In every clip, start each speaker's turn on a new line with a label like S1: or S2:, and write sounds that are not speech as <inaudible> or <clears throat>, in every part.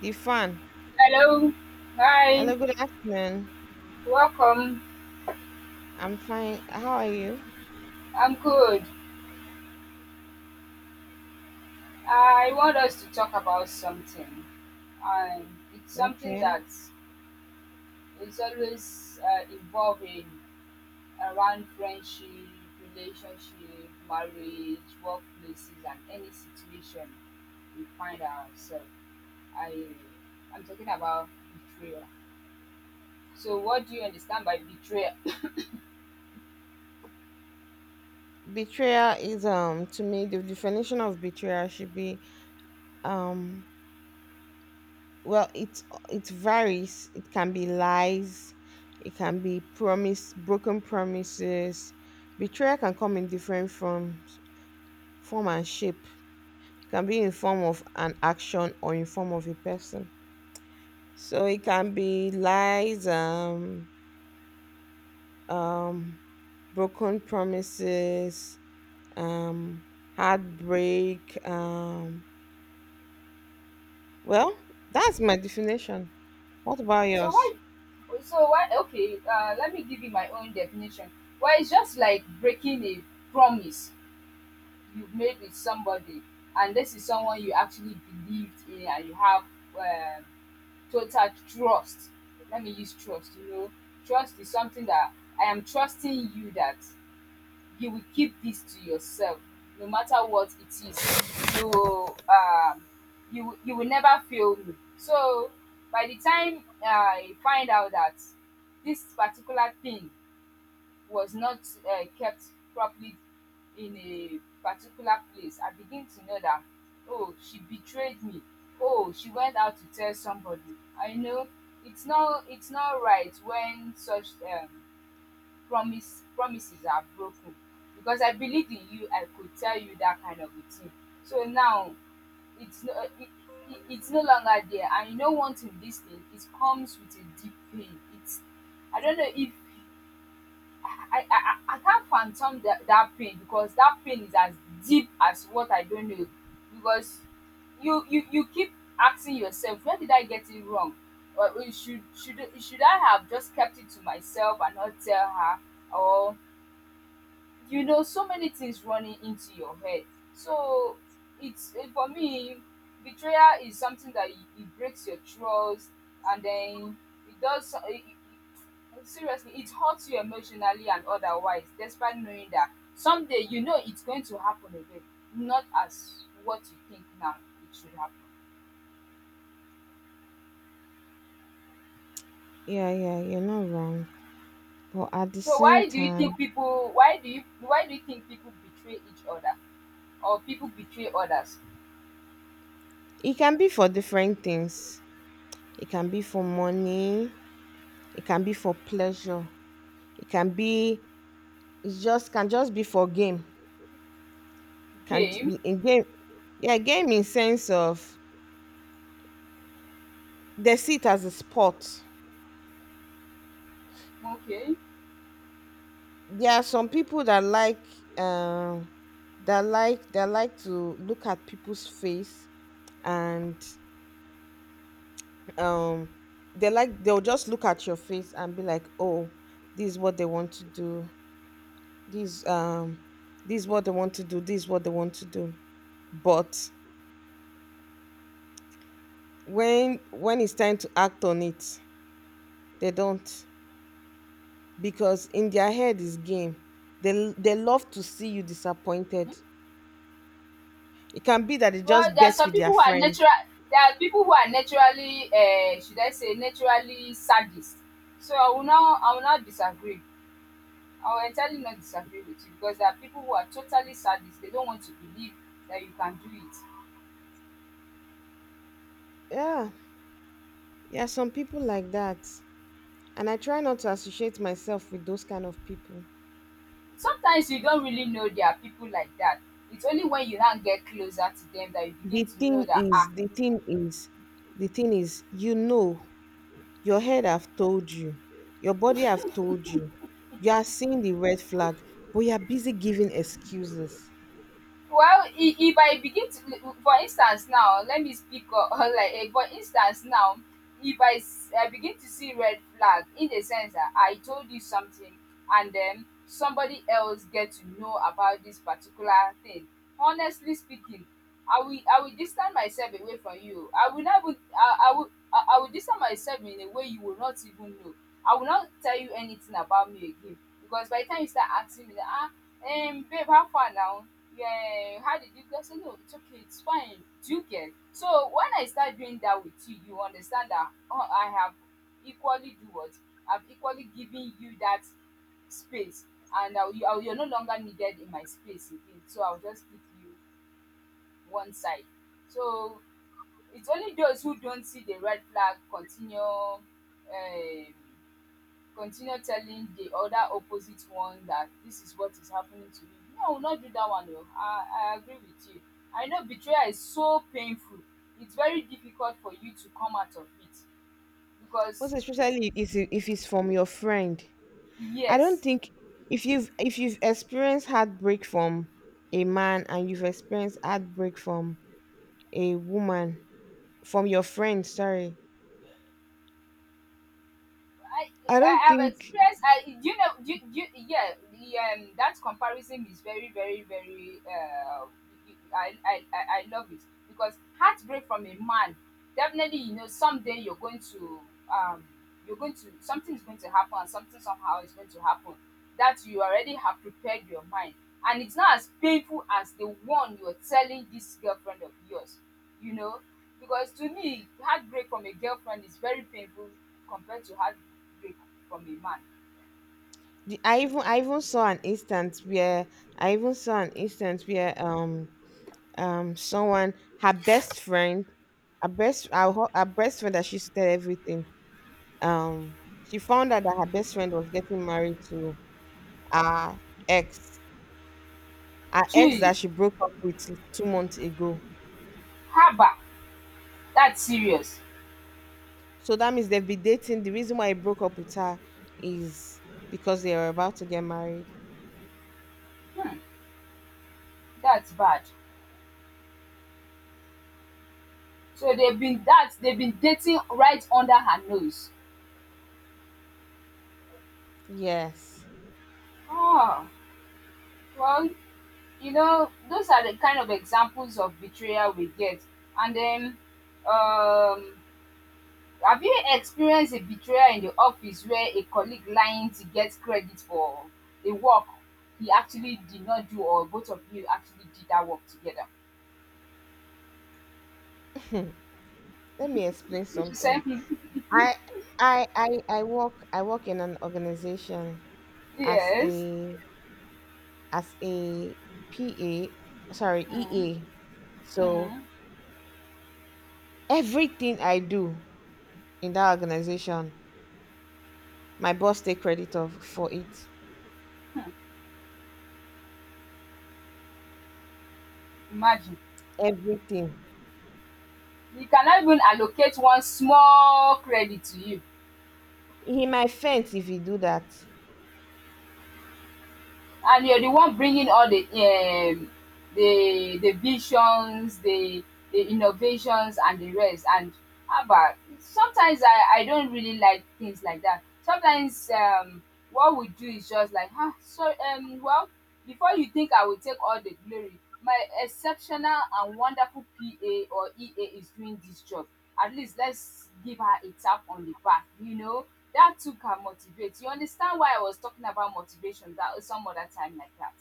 S1: The fan.
S2: Hello. Hi.
S1: Hello, good afternoon.
S2: Welcome.
S1: I'm fine. How are you?
S2: I'm good. I want us to talk about something. And it's something
S1: Okay.
S2: that is always evolving around friendship, relationship, marriage, workplaces, and any situation we find ourselves. I, I'm talking about betrayal. So, what do you understand by betrayal?
S1: Betrayal is to me the definition of betrayal should be um well, it varies. It can be lies, it can be promise broken promises. Betrayal can come in different forms, form and shape. It can be in form of an action or in form of a person. So it can be lies, um broken promises, um, heartbreak. Well, that's my definition. What about
S2: So
S1: yours?
S2: why? So why? Okay, let me give you my own definition. Well, it's just like breaking a promise you've made with somebody, and this is someone you actually believed in, and you have um, total trust. Let me use trust. You know, trust is something that I am trusting you that you will keep this to yourself no matter what it is you will you will, you will never fail me. So by the time I find out that this particular thing was not kept properly in a particular place, I begin to know that oh, she betrayed me, oh, she went out to tell somebody. I know it's not right when such um promises are broken because I believed in you, I could tell you that kind of a thing. So now it's no, it, it's no longer there, and you know, wanting this thing, it comes with a deep pain. It's I don't know if I can't phantom that pain because that pain is as deep as what I don't know. Because you keep asking yourself, where did I get it wrong? Or should I have just kept it to myself and not tell her? Or you know so many things running into your head. So it's for me betrayal is something that it breaks your trust, and then it does so- it- seriously it hurts you emotionally and otherwise despite knowing that someday you know it's going to happen again, not as what you think now it should happen.
S1: Yeah, yeah, you're not wrong, but at the
S2: So
S1: same
S2: why do you
S1: time,
S2: think people, why do you think people betray each other or people betray others?
S1: it can be for different things. It can be for money. It can be for pleasure. It can be. It just can just be for game. Can
S2: Game.
S1: in game. Yeah, game in sense of they see it as a sport.
S2: Okay.
S1: There are some people that like, um that like, that like to look at people's face, and um they like, they'll just look at your face and be like, oh, this is what they want to do, this, this is what they want to do, this is what they want to do, but when it's time to act on it, they don't, because in their head is game. they they love to see you disappointed. It can be that they
S2: Well,
S1: just
S2: there are
S1: bet
S2: some
S1: with their
S2: people who are
S1: friends.
S2: natural, there are people who are naturally should I say naturally sadist. So I will not disagree. I will entirely not disagree with you because there are people who are totally sadist. They don't want to believe that you can do it.
S1: Yeah. There are some people like that, and I try not to associate myself with those kind of people.
S2: Sometimes you don't really know there are people like that. It's only when you now get closer to them that you
S1: The
S2: begin to
S1: thing
S2: know that ah.
S1: is, the thing is, the thing is, you know, your head have told you, your body have told you, you are seeing the red flag, but you are busy giving excuses.
S2: Well, if I begin to, for instance now, let me speak o <laughs> like for instance now, if I begin to see red flag in the sense that I told you something and then somebody else get to know about this particular thing, honestly speaking, I will distance myself away from you. I will not even I will distance myself in a way you will not even know. I will not tell you anything about me again because by the time you start asking me that ah, babe, how far now? Yeah, how did you get? I said, no, it's okay, it's fine. Do you get? So when I start doing that with you, you understand that oh, I have equally do what? I've equally given you that space, and now you're no longer needed in my space again. So I'll just keep you one side. So it's only those who don't see the red flag continue continue telling the other opposite one that this is what is happening to me. No, I will not do that one. No. I agree with you. I know betrayal is so painful. It's very difficult for you to come out of it because,
S1: Most especially if if it's from your friend. I don't
S2: yes,
S1: think if you've experienced heartbreak from a man and you've experienced heartbreak from a woman, from your friend, sorry,
S2: I,
S1: I don't
S2: I have
S1: think
S2: experienced. I do you know? Yeah, that comparison is very, very, very. I love it because heartbreak from a man, definitely you know someday um you're going to something is going to happen and something somehow is going to happen that you already have prepared your mind, and it's not as painful as the one you're telling this girlfriend of yours, you know, because to me heartbreak from a girlfriend is very painful compared to heartbreak from a man.
S1: I even saw an instance where I even saw an instance where um someone, her best friend, her best friend that she used to tell everything, um she found out that her best friend was getting married to her ex,
S2: Jeez,
S1: that she broke up with 2 months ago.
S2: haba, that's serious.
S1: So that means they've been dating. The reason why he broke up with her is because they were about to get married.
S2: That's bad. So they've been dating right under her nose.
S1: Yes.
S2: Oh, well, you know, those are the kind of examples of betrayal we get. And then, um, have you experienced a betrayal in the office where a colleague lying to get credit for a work he actually did not do, or both of you actually did that work together?
S1: <laughs> Let me explain
S2: <laughs> You
S1: something.
S2: say,
S1: I I work, in an organization
S2: <laughs>
S1: as
S2: yes.
S1: a PA, sorry,
S2: Mm,
S1: EA. So
S2: mm,
S1: everything I do in that organization, my boss take credit of for it.
S2: imagine
S1: Everything.
S2: you cannot even allocate one small credit to you,
S1: He might faint if he do that.
S2: and you're the one bringing all the visions, the innovations and the rest. And about sometimes I don't really like things like that. Sometimes what we do is just like ah, so um, well, before you think I will take all the glory, my exceptional and wonderful PA or EA is doing this job. At least let's give her a tap on the back, you know? That too can motivate. You understand why I was talking about motivation that oh, some other time like that.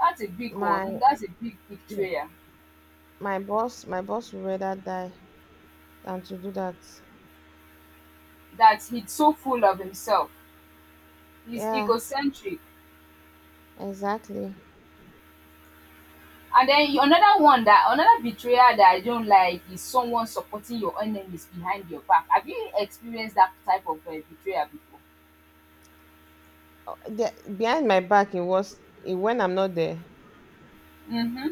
S2: That's a big
S1: My
S2: one. That's a big betrayal.
S1: my boss would rather die than to do that.
S2: That he's so full of himself. He's
S1: Yeah,
S2: egocentric.
S1: exactly.
S2: And then you- another one, that another betrayal that I don't like, is someone supporting your enemies behind your back. Have you experienced that type of betrayal before?
S1: Oh, behind my back, it was when I'm not there.
S2: Mm-hmm.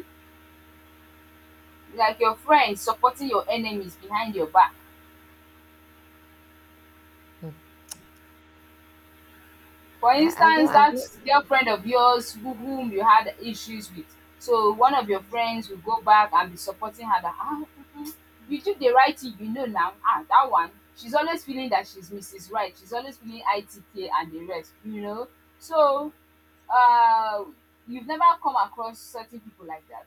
S2: Like your friends supporting your enemies behind your back.
S1: Hmm.
S2: For
S1: I don't
S2: instance,
S1: I've,
S2: that girlfriend of yours who whom you had issues with. So one of your friends will go back and be supporting her that ah, um you did the right thing, you know. Now ah, that one, she's always feeling that she's Mrs. Right, she's always feeling ITK and the rest, you know. So um you've never come across certain people like that?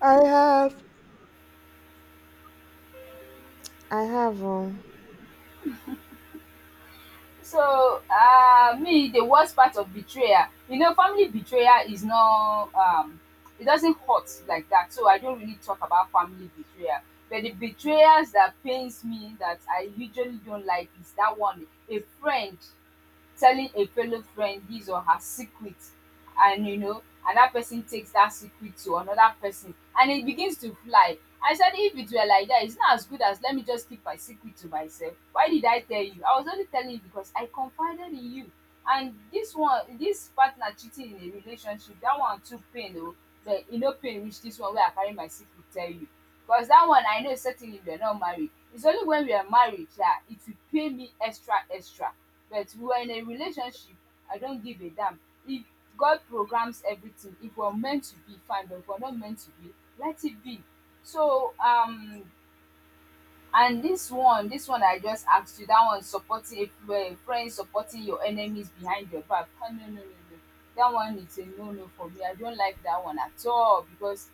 S1: I have, I have.
S2: So um, me, the worst part of betrayal, you know, family betrayal is not um, it doesn't hurt like that. So I don't really talk about family betrayal. But the betrayals that pains me that I usually don't like is that one, a friend telling a fellow friend his or her secret, and you know, and that person takes that secret to another person, and it begins to fly. I said if it were like that, it's not as good as let me just keep my secret to myself. Why did I tell you? I was only telling you because I confided in you. And dis one, dis partner cheating in a relationship, dat one too pain oo, but e no pain reach dis one wey I carry my secret tell you, cos dat one I know certainly we are not married. Its only when we are married sha it will pain me extra extra. But we were in a relationship, I don't give a damn. If God programs everything, if we are meant to be, fine, but if we are not meant to be, let it be. So um, and this one I just asked you, that one supporting influen, friends supporting your enemies behind your back, ah, no no no no, that one is a no no for me. I don't like that one at all because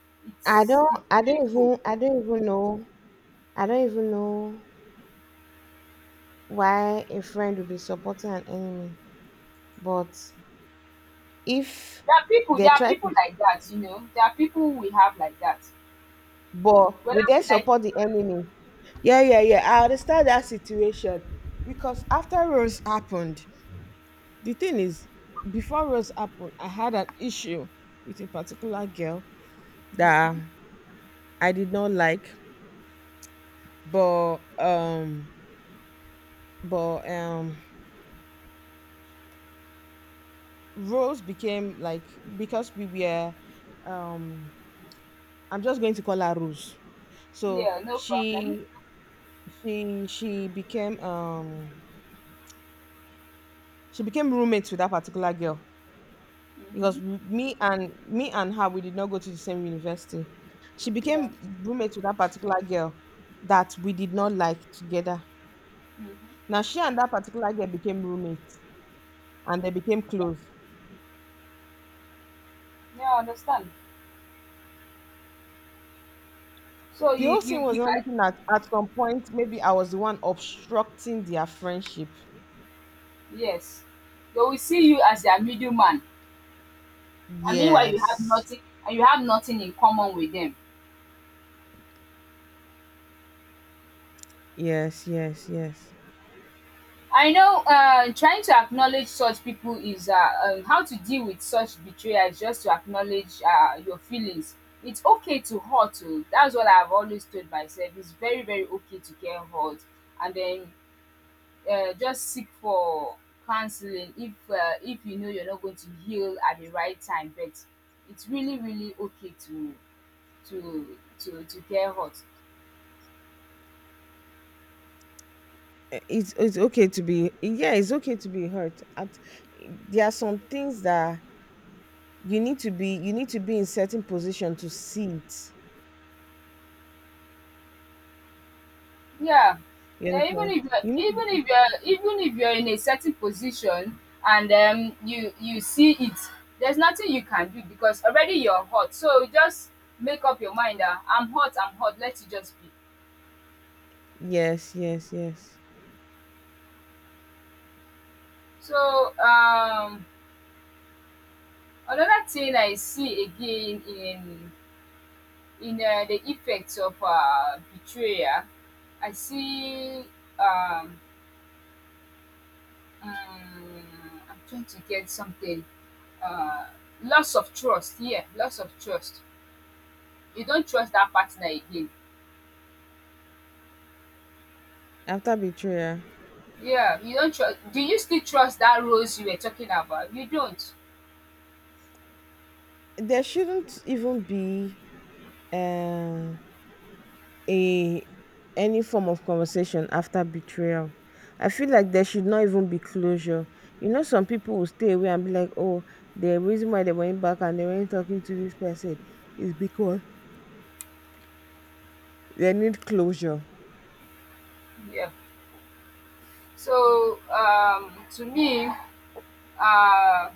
S2: it's painful.
S1: I don't even know, I don't even know why a friend would be supporting an enemy. But if they
S2: There are
S1: try to,
S2: people like that, you know, there are people we have like that,
S1: but
S2: whether
S1: will they
S2: we like it.
S1: support the enemy? Yeah, yeah, yeah. I understand that situation because after Rose happened, the thing is, before Rose happened, I had an issue with a particular girl that I did not like, but um, but Rose became like because we were, um I'm just going to call her Rose. So
S2: Yeah, no problem.
S1: she became, she became roommates with that particular girl because
S2: Mhm.
S1: me and her, we did not go to the same university. She
S2: Yeah.
S1: became roommates with that particular girl that we did not like together.
S2: Mhm.
S1: Now she and that particular girl became roommates and they became close.
S2: Yeah, I understand. So
S1: The whole thing was
S2: you
S1: not
S2: guy,
S1: looking at some point maybe I was the one obstructing their friendship.
S2: yes, they will see you as their middleman. I mean, while you have
S1: Yes.
S2: nothing, and you have nothing in common with them.
S1: Yes, yes, yes.
S2: I know trying to acknowledge such people is how to deal with such betrayal is just to acknowledge your feelings. It's okay to hurt. Oh. That's what I've always told myself. It's very, very okay to get hurt, and then just seek for counseling if you know you're not going to heal at the right time. But it's really, really okay to to get hurt.
S1: Eh, it's okay to be, yeah, it's okay to be hurt. At there are some things that you need to be in certain position to see it.
S2: Yeah.
S1: You
S2: Yeah, even
S1: understand?
S2: if
S1: You
S2: you're
S1: need,
S2: even if you're in a certain position and um, you see it, there's nothing you can do because already you're hot. So just make up your mind that I'm hot, let it just be.
S1: yes, yes, yes.
S2: So um, another thing I see again in the effects of betrayal, I see um, mm, I'm trying to get something. Uh, loss of trust. Yeah, loss of trust. You don't trust that partner again.
S1: After betrayal,
S2: Yeah, you don't trust. Do you still trust that rose you were talking about? You don't.
S1: there shouldn't even be uh a any form of conversation after betrayal. I feel like there should not even be closure. You know, some people will stay away and be like, oh, the reason why they went back and they weren't talking to this person is because they need closure.
S2: Yeah. So to me, uh,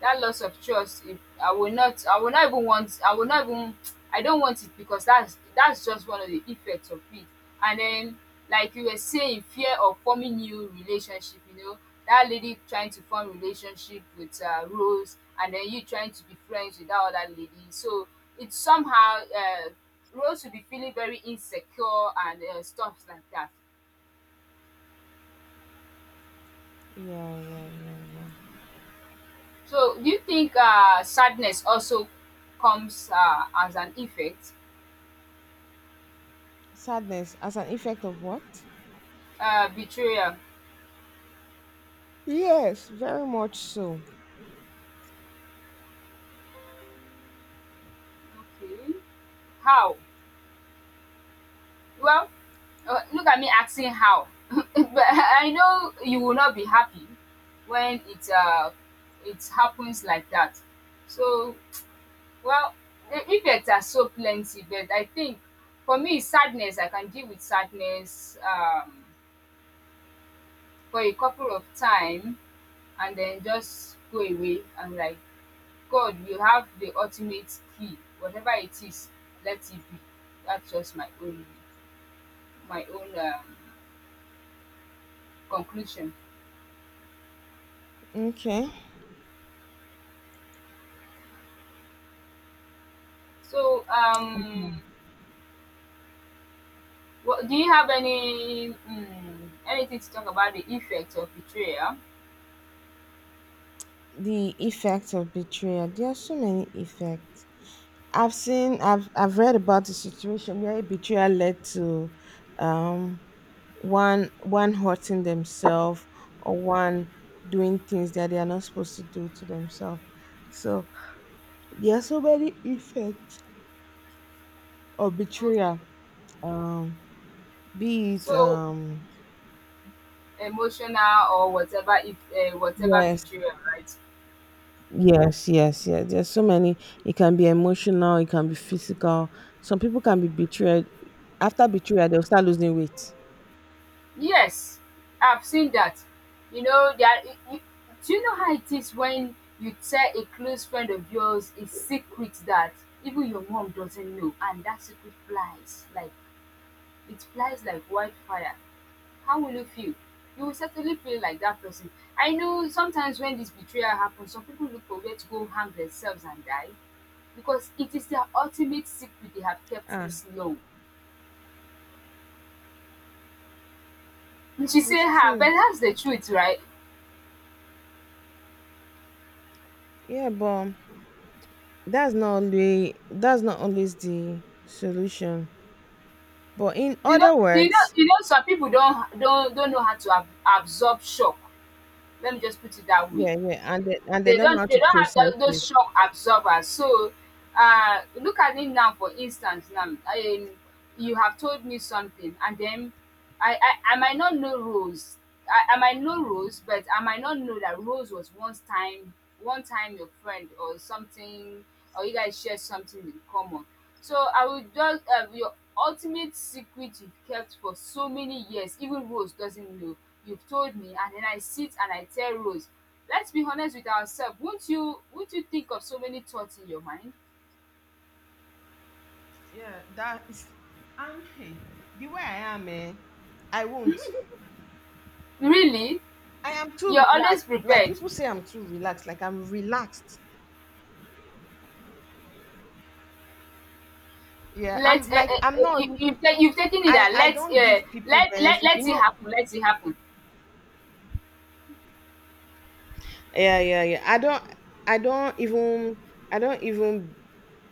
S2: that loss of trust, if I will not I will not even want I will not even I don't want it because that's just one of the effects of it. And then, like you were saying, fear of forming new relationship. That lady trying to form relationship with Rose, and then you trying to be friends with that other lady. So it's somehow, Rose will be feeling very insecure and stuff like that.
S1: Yeah, yeah, yeah, yeah.
S2: So do you think sadness also comes as an effect?
S1: Sadness as an effect of what?
S2: Betrayal.
S1: Yes, very much so.
S2: Okay. How? Well, look at me asking how. <laughs> But I know you will not be happy when it happens like that. So, well, the effects are so plenty, but I think, for me, sadness, I can deal with sadness for a couple of time and then just go away. And like, God will have the ultimate key. Whatever it is, let it be. That's just my own, my own conclusion.
S1: Okay.
S2: So,
S1: Mhm.
S2: what do you have, any anything to talk about the effects of betrayal?
S1: The effects of betrayal. There are so many effects. I've read about the situation where a betrayal led to, um, one hurting themselves, or one doing things that they are not supposed to do to themselves. So there are so many effects of
S2: Okay,
S1: betrayal. Um, be it,
S2: so emotional or whatever, if whatever
S1: yes.
S2: betrayal, right?
S1: Yes, yes, yes. There's so many. It can be emotional, it can be physical. Some people can be betrayed. After betrayal, they'll start losing weight.
S2: Yes, I've seen that. You know, do you know how it is when you tell a close friend of yours a secret that even your mom doesn't know, and that secret flies like, it flies like wildfire? How will you feel? You will certainly feel like that person. I know sometimes when this betrayal happens, some people look for where to go hang themselves and die because it is their ultimate secret they have kept
S1: Ah,
S2: this long. And she say,
S1: it's
S2: "Ha, but
S1: true.
S2: that's the truth, right?"
S1: Yeah, but that's not only, that's not always the solution. But in
S2: You know,
S1: other
S2: you know,
S1: words,
S2: you know, some people don't know how to absorb shock. Let me just put it that way.
S1: yeah, yeah, and and they
S2: they
S1: don't know how
S2: don't they
S1: to
S2: don't have
S1: process
S2: that,
S1: it.
S2: those shock absorbers. So look at it now, for instance, now, you have told me something, and then I might not know Rose. I might know Rose, but I might not know that Rose was once time one time your friend or something, or you guys shared something in common. So I would just your ultimate secret you've kept for so many years, even Rose doesn't know. You've told me, and then I sit and I tell Rose. Let's be honest with ourselves, won't you think of so many thoughts in your mind?
S1: Yeah, that is, I'm, hey, the way I am, eh, I won't,
S2: Really?
S1: I am too
S2: You're always
S1: relaxed, like
S2: prepared.
S1: people say I'm too relaxed, like I'm relaxed. Yeah,
S2: Let
S1: I'm like, I'm not,
S2: you, you've taken it
S1: I
S2: that
S1: I
S2: let
S1: don't give people
S2: let
S1: benefit, you
S2: it
S1: know.
S2: happen. Let it happen.
S1: Yeah, yeah, yeah, I don't, I don't even I don't even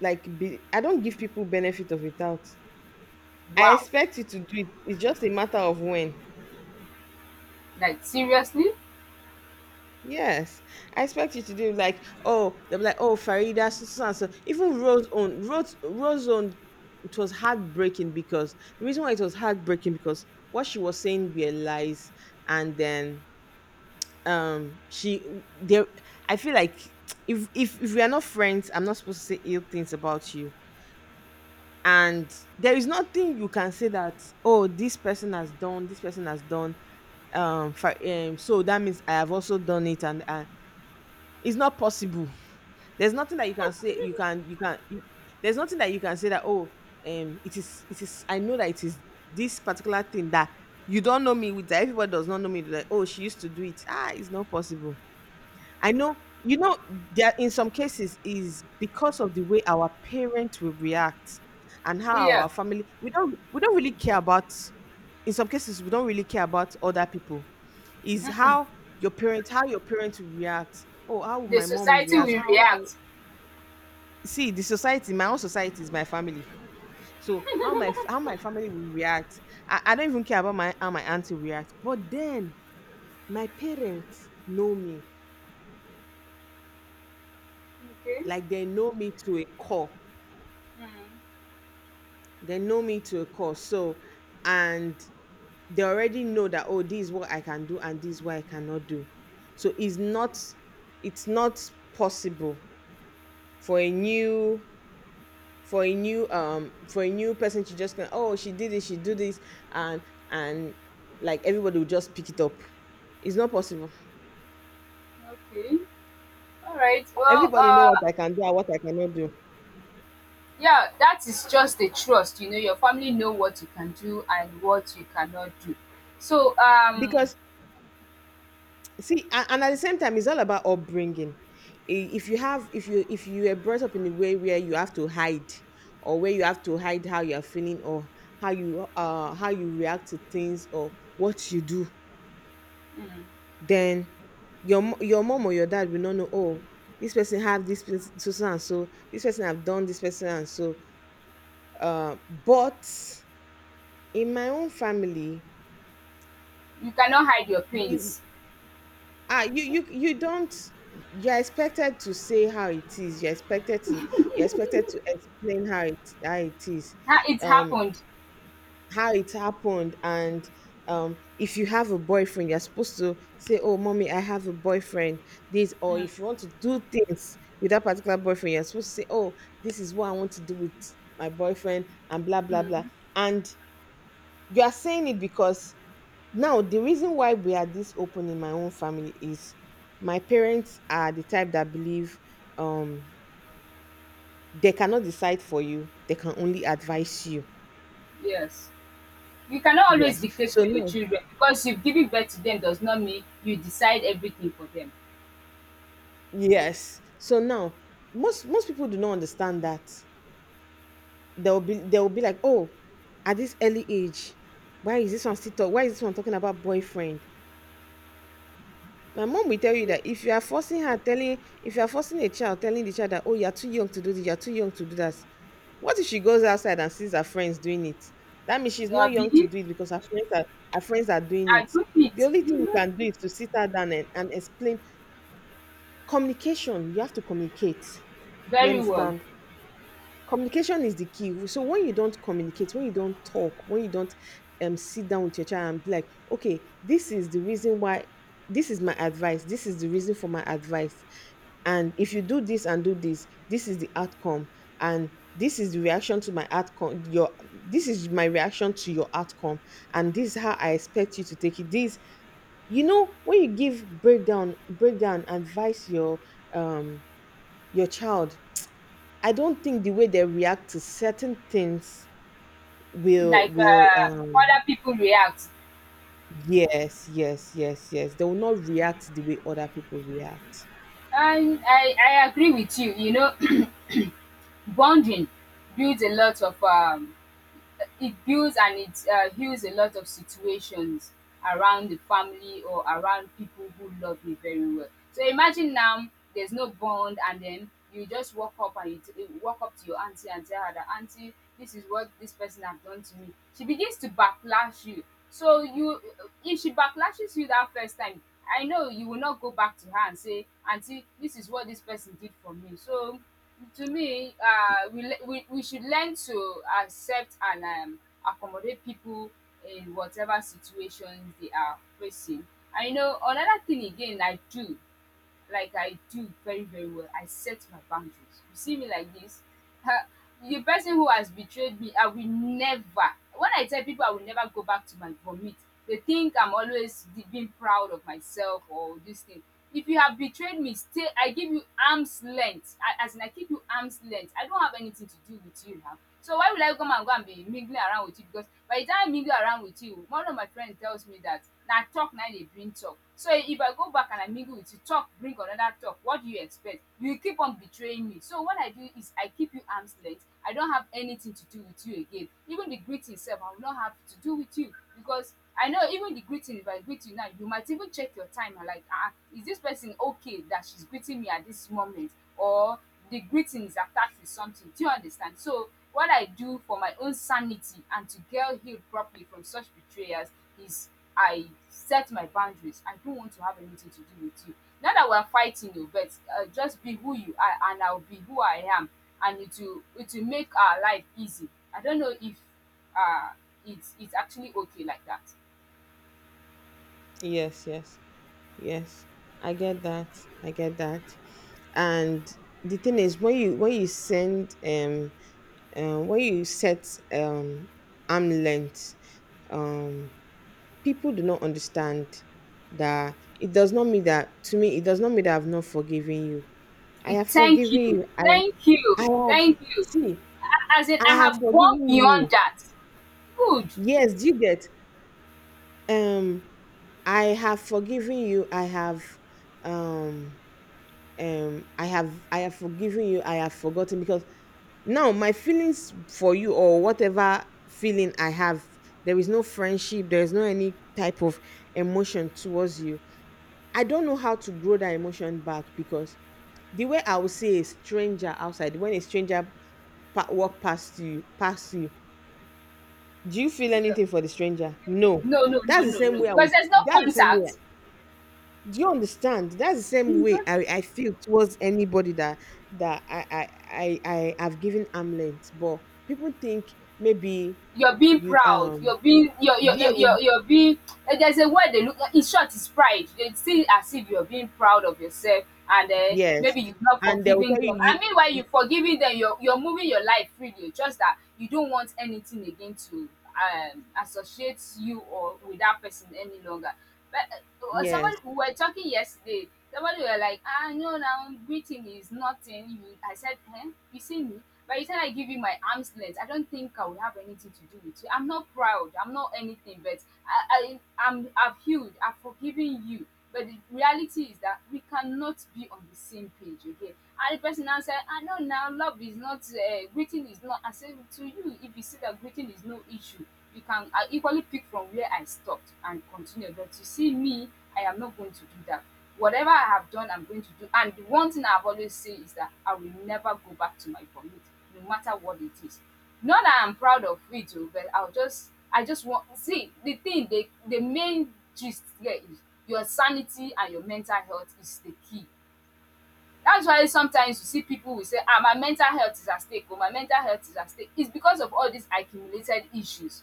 S1: like be, I don't give people benefit of a doubt. I
S2: Wow.
S1: expect you to do it, it's just a matter of when.
S2: Like seriously?
S1: Yes, I expect you to do like, oh, they'll be like, oh, Farida, so, so, so, and so. Even Rose on Rose Rose on, it was heartbreaking because the reason why it was heartbreaking because what she was saying were lies, and then, she there. I feel like if if we are not friends, I'm not supposed to say ill things about you, and there is nothing you can say that oh this person has done. So that means I have also done it, and it's not possible. There's nothing that you can say, there's nothing that you can say that oh, it is, I know that it is this particular thing that you don't know me with that everybody does not know me with, like oh she used to do it, ah, it's not possible. I know, you know, there in some cases is because of the way our parents will react and how our
S2: Yeah.
S1: family, we don't really care about, in some cases we don't really care about other people, is how your parents will react, oh how will
S2: The
S1: my mom
S2: society
S1: react,
S2: will
S1: how
S2: react.
S1: see the society, my own society is my family, so how my family will react. I don't even care about my how my auntie react, but then my parents know me,
S2: Okay.
S1: like they know me to a core.
S2: Mm,
S1: So, and they already know that oh this is what I can do and this is what I cannot do, so it's not possible for a new for a new for a new person to just go, oh she did this, she do this, and and like everybody will just pick it up. It's not possible.
S2: okay. All right. Well.
S1: Everybody know what I can do and what I cannot do
S2: Yeah. That is just the trust. You know, your family know what you can do and what you cannot do. So,
S1: because, see, and at the same time it's all about upbringing. If you have, if you are brought up in a way where you have to hide, or where you have to hide how you're feeling, or how you react to things, or what you do, then your mom or your dad will not know, oh this person have this pers- so so and so, this person have done, this person and so, but in my own family
S2: you cannot hide your
S1: we,
S2: pains.
S1: ah, you don't, you're expected to say how it is, you're expected to explain how it is,
S2: Ha, it
S1: um
S2: happened,
S1: how it happened, and, if you have a boyfriend, you're supposed to say oh mommy I have a boyfriend, this, or if you want to do things with that particular boyfriend, you're supposed to say oh this is what I want to do with my boyfriend and blah blah blah, and you are saying it because, now the reason why we are this open in my own family is my parents are the type that believe, um they cannot decide for you, they can only advise you.
S2: yes. You cannot always
S1: Yes,
S2: dictate
S1: so
S2: for your
S1: now.
S2: children because you giving birth to them does not mean you decide everything for them.
S1: Yes. So now most most people do not understand that. They'll be, they'll be like, oh, at this early age, why is this one still talk? Why is this one talking about boyfriend? My mom will tell you
S2: Yeah.
S1: that if you are forcing her telling if you are forcing a child telling the child that, oh, you're too young to do this, you're too young to do that. What if she goes outside and sees her friends doing it? That means she's not young to
S2: Abi?
S1: do it because her friends are doing
S2: I
S1: it.
S2: do
S1: The
S2: it,
S1: only thing you
S2: mhm,
S1: can do is to sit her down and, explain. Communication. You have to communicate. You
S2: very well.
S1: understand? Communication is the key. So when you don't communicate, when you don't talk, when you don't sit down with your child and be like, okay, this is the reason why, this is my advice, this is the reason for my advice, and if you do this and do this, this is the outcome. And this is my reaction to your outcome, and this is how I expect you to take it. This, when you give breakdown advice, um your child, I don't think the way they react to certain things will
S2: Like, other people react.
S1: yes, yes, yes, yes, they will not react the way other people react.
S2: And I agree with you, you know. <clears throat> Bonding builds a lot of it builds and it heals a lot of situations around the family or around people who love me very well. So imagine now there's no bond, and then you just walk up and you walk up to your auntie and tell her that, auntie, this is what this person has done to me. She begins to backlash you. So you, if she backlashes you that first time, I know you will not go back to her and say, auntie, this is what this person did for me. So to me, we le we should learn to accept and accommodate people in whatever situations they are facing. I know another thing again I do, like I do very, very well. I set my boundaries. You see me like this, the person who has betrayed me, I will never, when I tell people, I will never go back to my vomit. They think I'm always be being proud of myself or this thing. If you have betrayed me, stay. I give you arms length. I, as in, I keep you arms length. I don't have anything to do with you now. So why will I come and go and be mingling around with you? Because by the time I mingle around with you, one of my friend tells me that na talk na dey bring talk. So if I go back and I mingle with you, talk bring another talk. What do you expect? You will keep on betraying me. So what I do is I keep you arm's length. I don't have anything to do with you again. Even the greeting sef, I will not have to do with you, because I know, even the greeting, if I greet you now, you might even check your time and like, ah, is this person okay that she's greeting me at this moment? Or the greeting is attached with something. Do you understand? So what I do for my own sanity and to get healed properly from such betrayers is I set my boundaries. I don't want to have anything to do with you. Not that we're fighting you, but just be who you are and I'll be who I am. And it will make our life easy. I don't know if uh it's actually okay like that.
S1: Yes, yes, yes. I get that. I get that. And the thing is, when you set um, arm length, um, people do not understand that, it does not mean that, to me, it does not mean that I've not forgiven you. I
S2: It,
S1: have
S2: thank
S1: forgiven
S2: you.
S1: you.
S2: Thank
S1: I
S2: you.
S1: have
S2: Thank you.
S1: See,
S2: A- As in,
S1: I
S2: I
S1: have
S2: have gone
S1: forgiven
S2: beyond
S1: you.
S2: that. Good.
S1: Yes, do you get um I have forgiven you. Um I have forgiven you. I have forgotten, because now my feelings for you, or whatever feeling I have, there is no friendship, there is no any type of emotion towards you. I don't know how to grow that emotion back, because the way I would see a stranger outside, when a stranger walk past you past you, do you feel
S2: Yeah.
S1: anything for the stranger? No.
S2: No, no, no,
S1: that's the
S2: no,
S1: same
S2: no.
S1: way i
S2: Because
S1: would
S2: there's no
S1: that's the same way,
S2: contact.
S1: do you understand? That's the same way
S2: Mhm.
S1: I feel towards anybody that, I have given armlet, but people think maybe.
S2: You're being
S1: You
S2: proud. You're being, you're,
S1: yeah you
S2: you're being. Eh, there's a word they look. In short, it's pride. They see it as if you're being proud of yourself, and
S1: Yes,
S2: maybe you're not
S1: and they will
S2: forgiving
S1: tell you
S2: them. I mean, while you're forgiving them, you're moving your life freely. It's just that you don't want anything again to associate you or with that person any longer. But
S1: yes,
S2: somebody, we were talking yesterday. Somebody were like, "Ah, no, now greeting is nothing." You, I said, "Huh? You see me?" By the time I give you my arm's length, I don't think I would have anything to do with you. I'm not proud. I'm not anything, but I, I, I've healed. I've forgiven you. But the reality is that we cannot be on the same page again. And the person now said, I know now love is not, greeting is not. I said to you, if you see that greeting is no issue, you can equally pick from where I stopped and continue. But you see me, I am not going to do that. Whatever I have done, I'm going to do. And the one thing I've always said is that I will never go back to my vomit, no matter what it is. Not that I'm proud of it oo, but I just want, see the thing, the main gist here is your sanity and your mental health is the key. That's why sometimes you see people will say, ah, my mental health is at stake oo, my mental health is at stake. It's because of all these accumulated issues.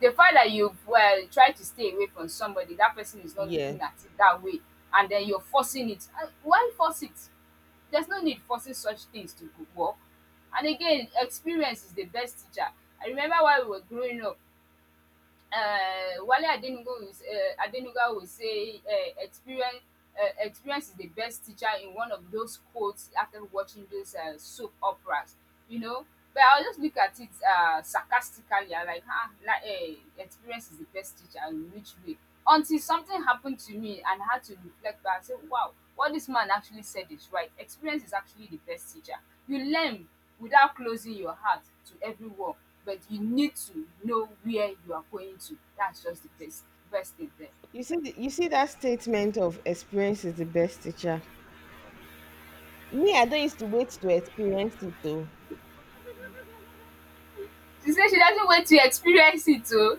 S2: The fact that you've well tried to stay away from somebody, that person is not
S1: yes.
S2: looking at it that way, and then you're forcing it. And why force it? There's no need forcing such things to go work. And again, experience is the best teacher. I remember while we were growing up, Wale Adenuga will, Adenuga will say, experience is the best teacher, in one of those quotes after watching those soap operas, you know. But I'll just look at it sarcastically, I like, ah, na, experience is the best teacher, in which way? Until something happened to me and I had to reflect back and say, wow, what this man actually said is right. Experience is actually the best teacher. You learn without closing your heart to everyone, but you need to know where you are going to. That's just the best thing there.
S1: You see you see that statement of experience is the best teacher. Me, I don't used to wait to experience it though.
S2: She said she doesn't wait to experience it, oh.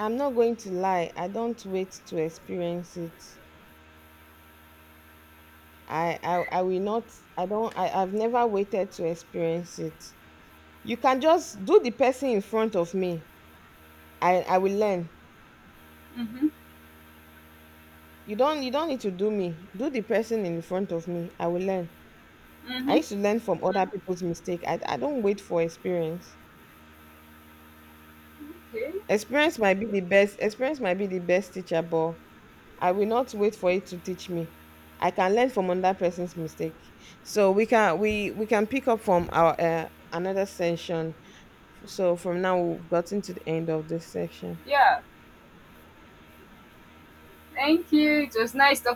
S1: I'm not going to lie. I don't wait to experience it. I will not. I don't. I've never waited to experience it. You can just do the person in front of me. I will learn. You don't need to do me. Do the person in front of me. I will learn. I
S2: Mm-hmm.
S1: used to learn from other people's mistake. I don't wait for experience.
S2: Okay.
S1: Experience might be the best. Experience might be the best teacher, but I will not wait for it to teach me. I can learn from another person's mistake. So we can we can pick up from our another session. So from now, we've gotten to the end of this section.
S2: Yeah, thank you, it was nice talking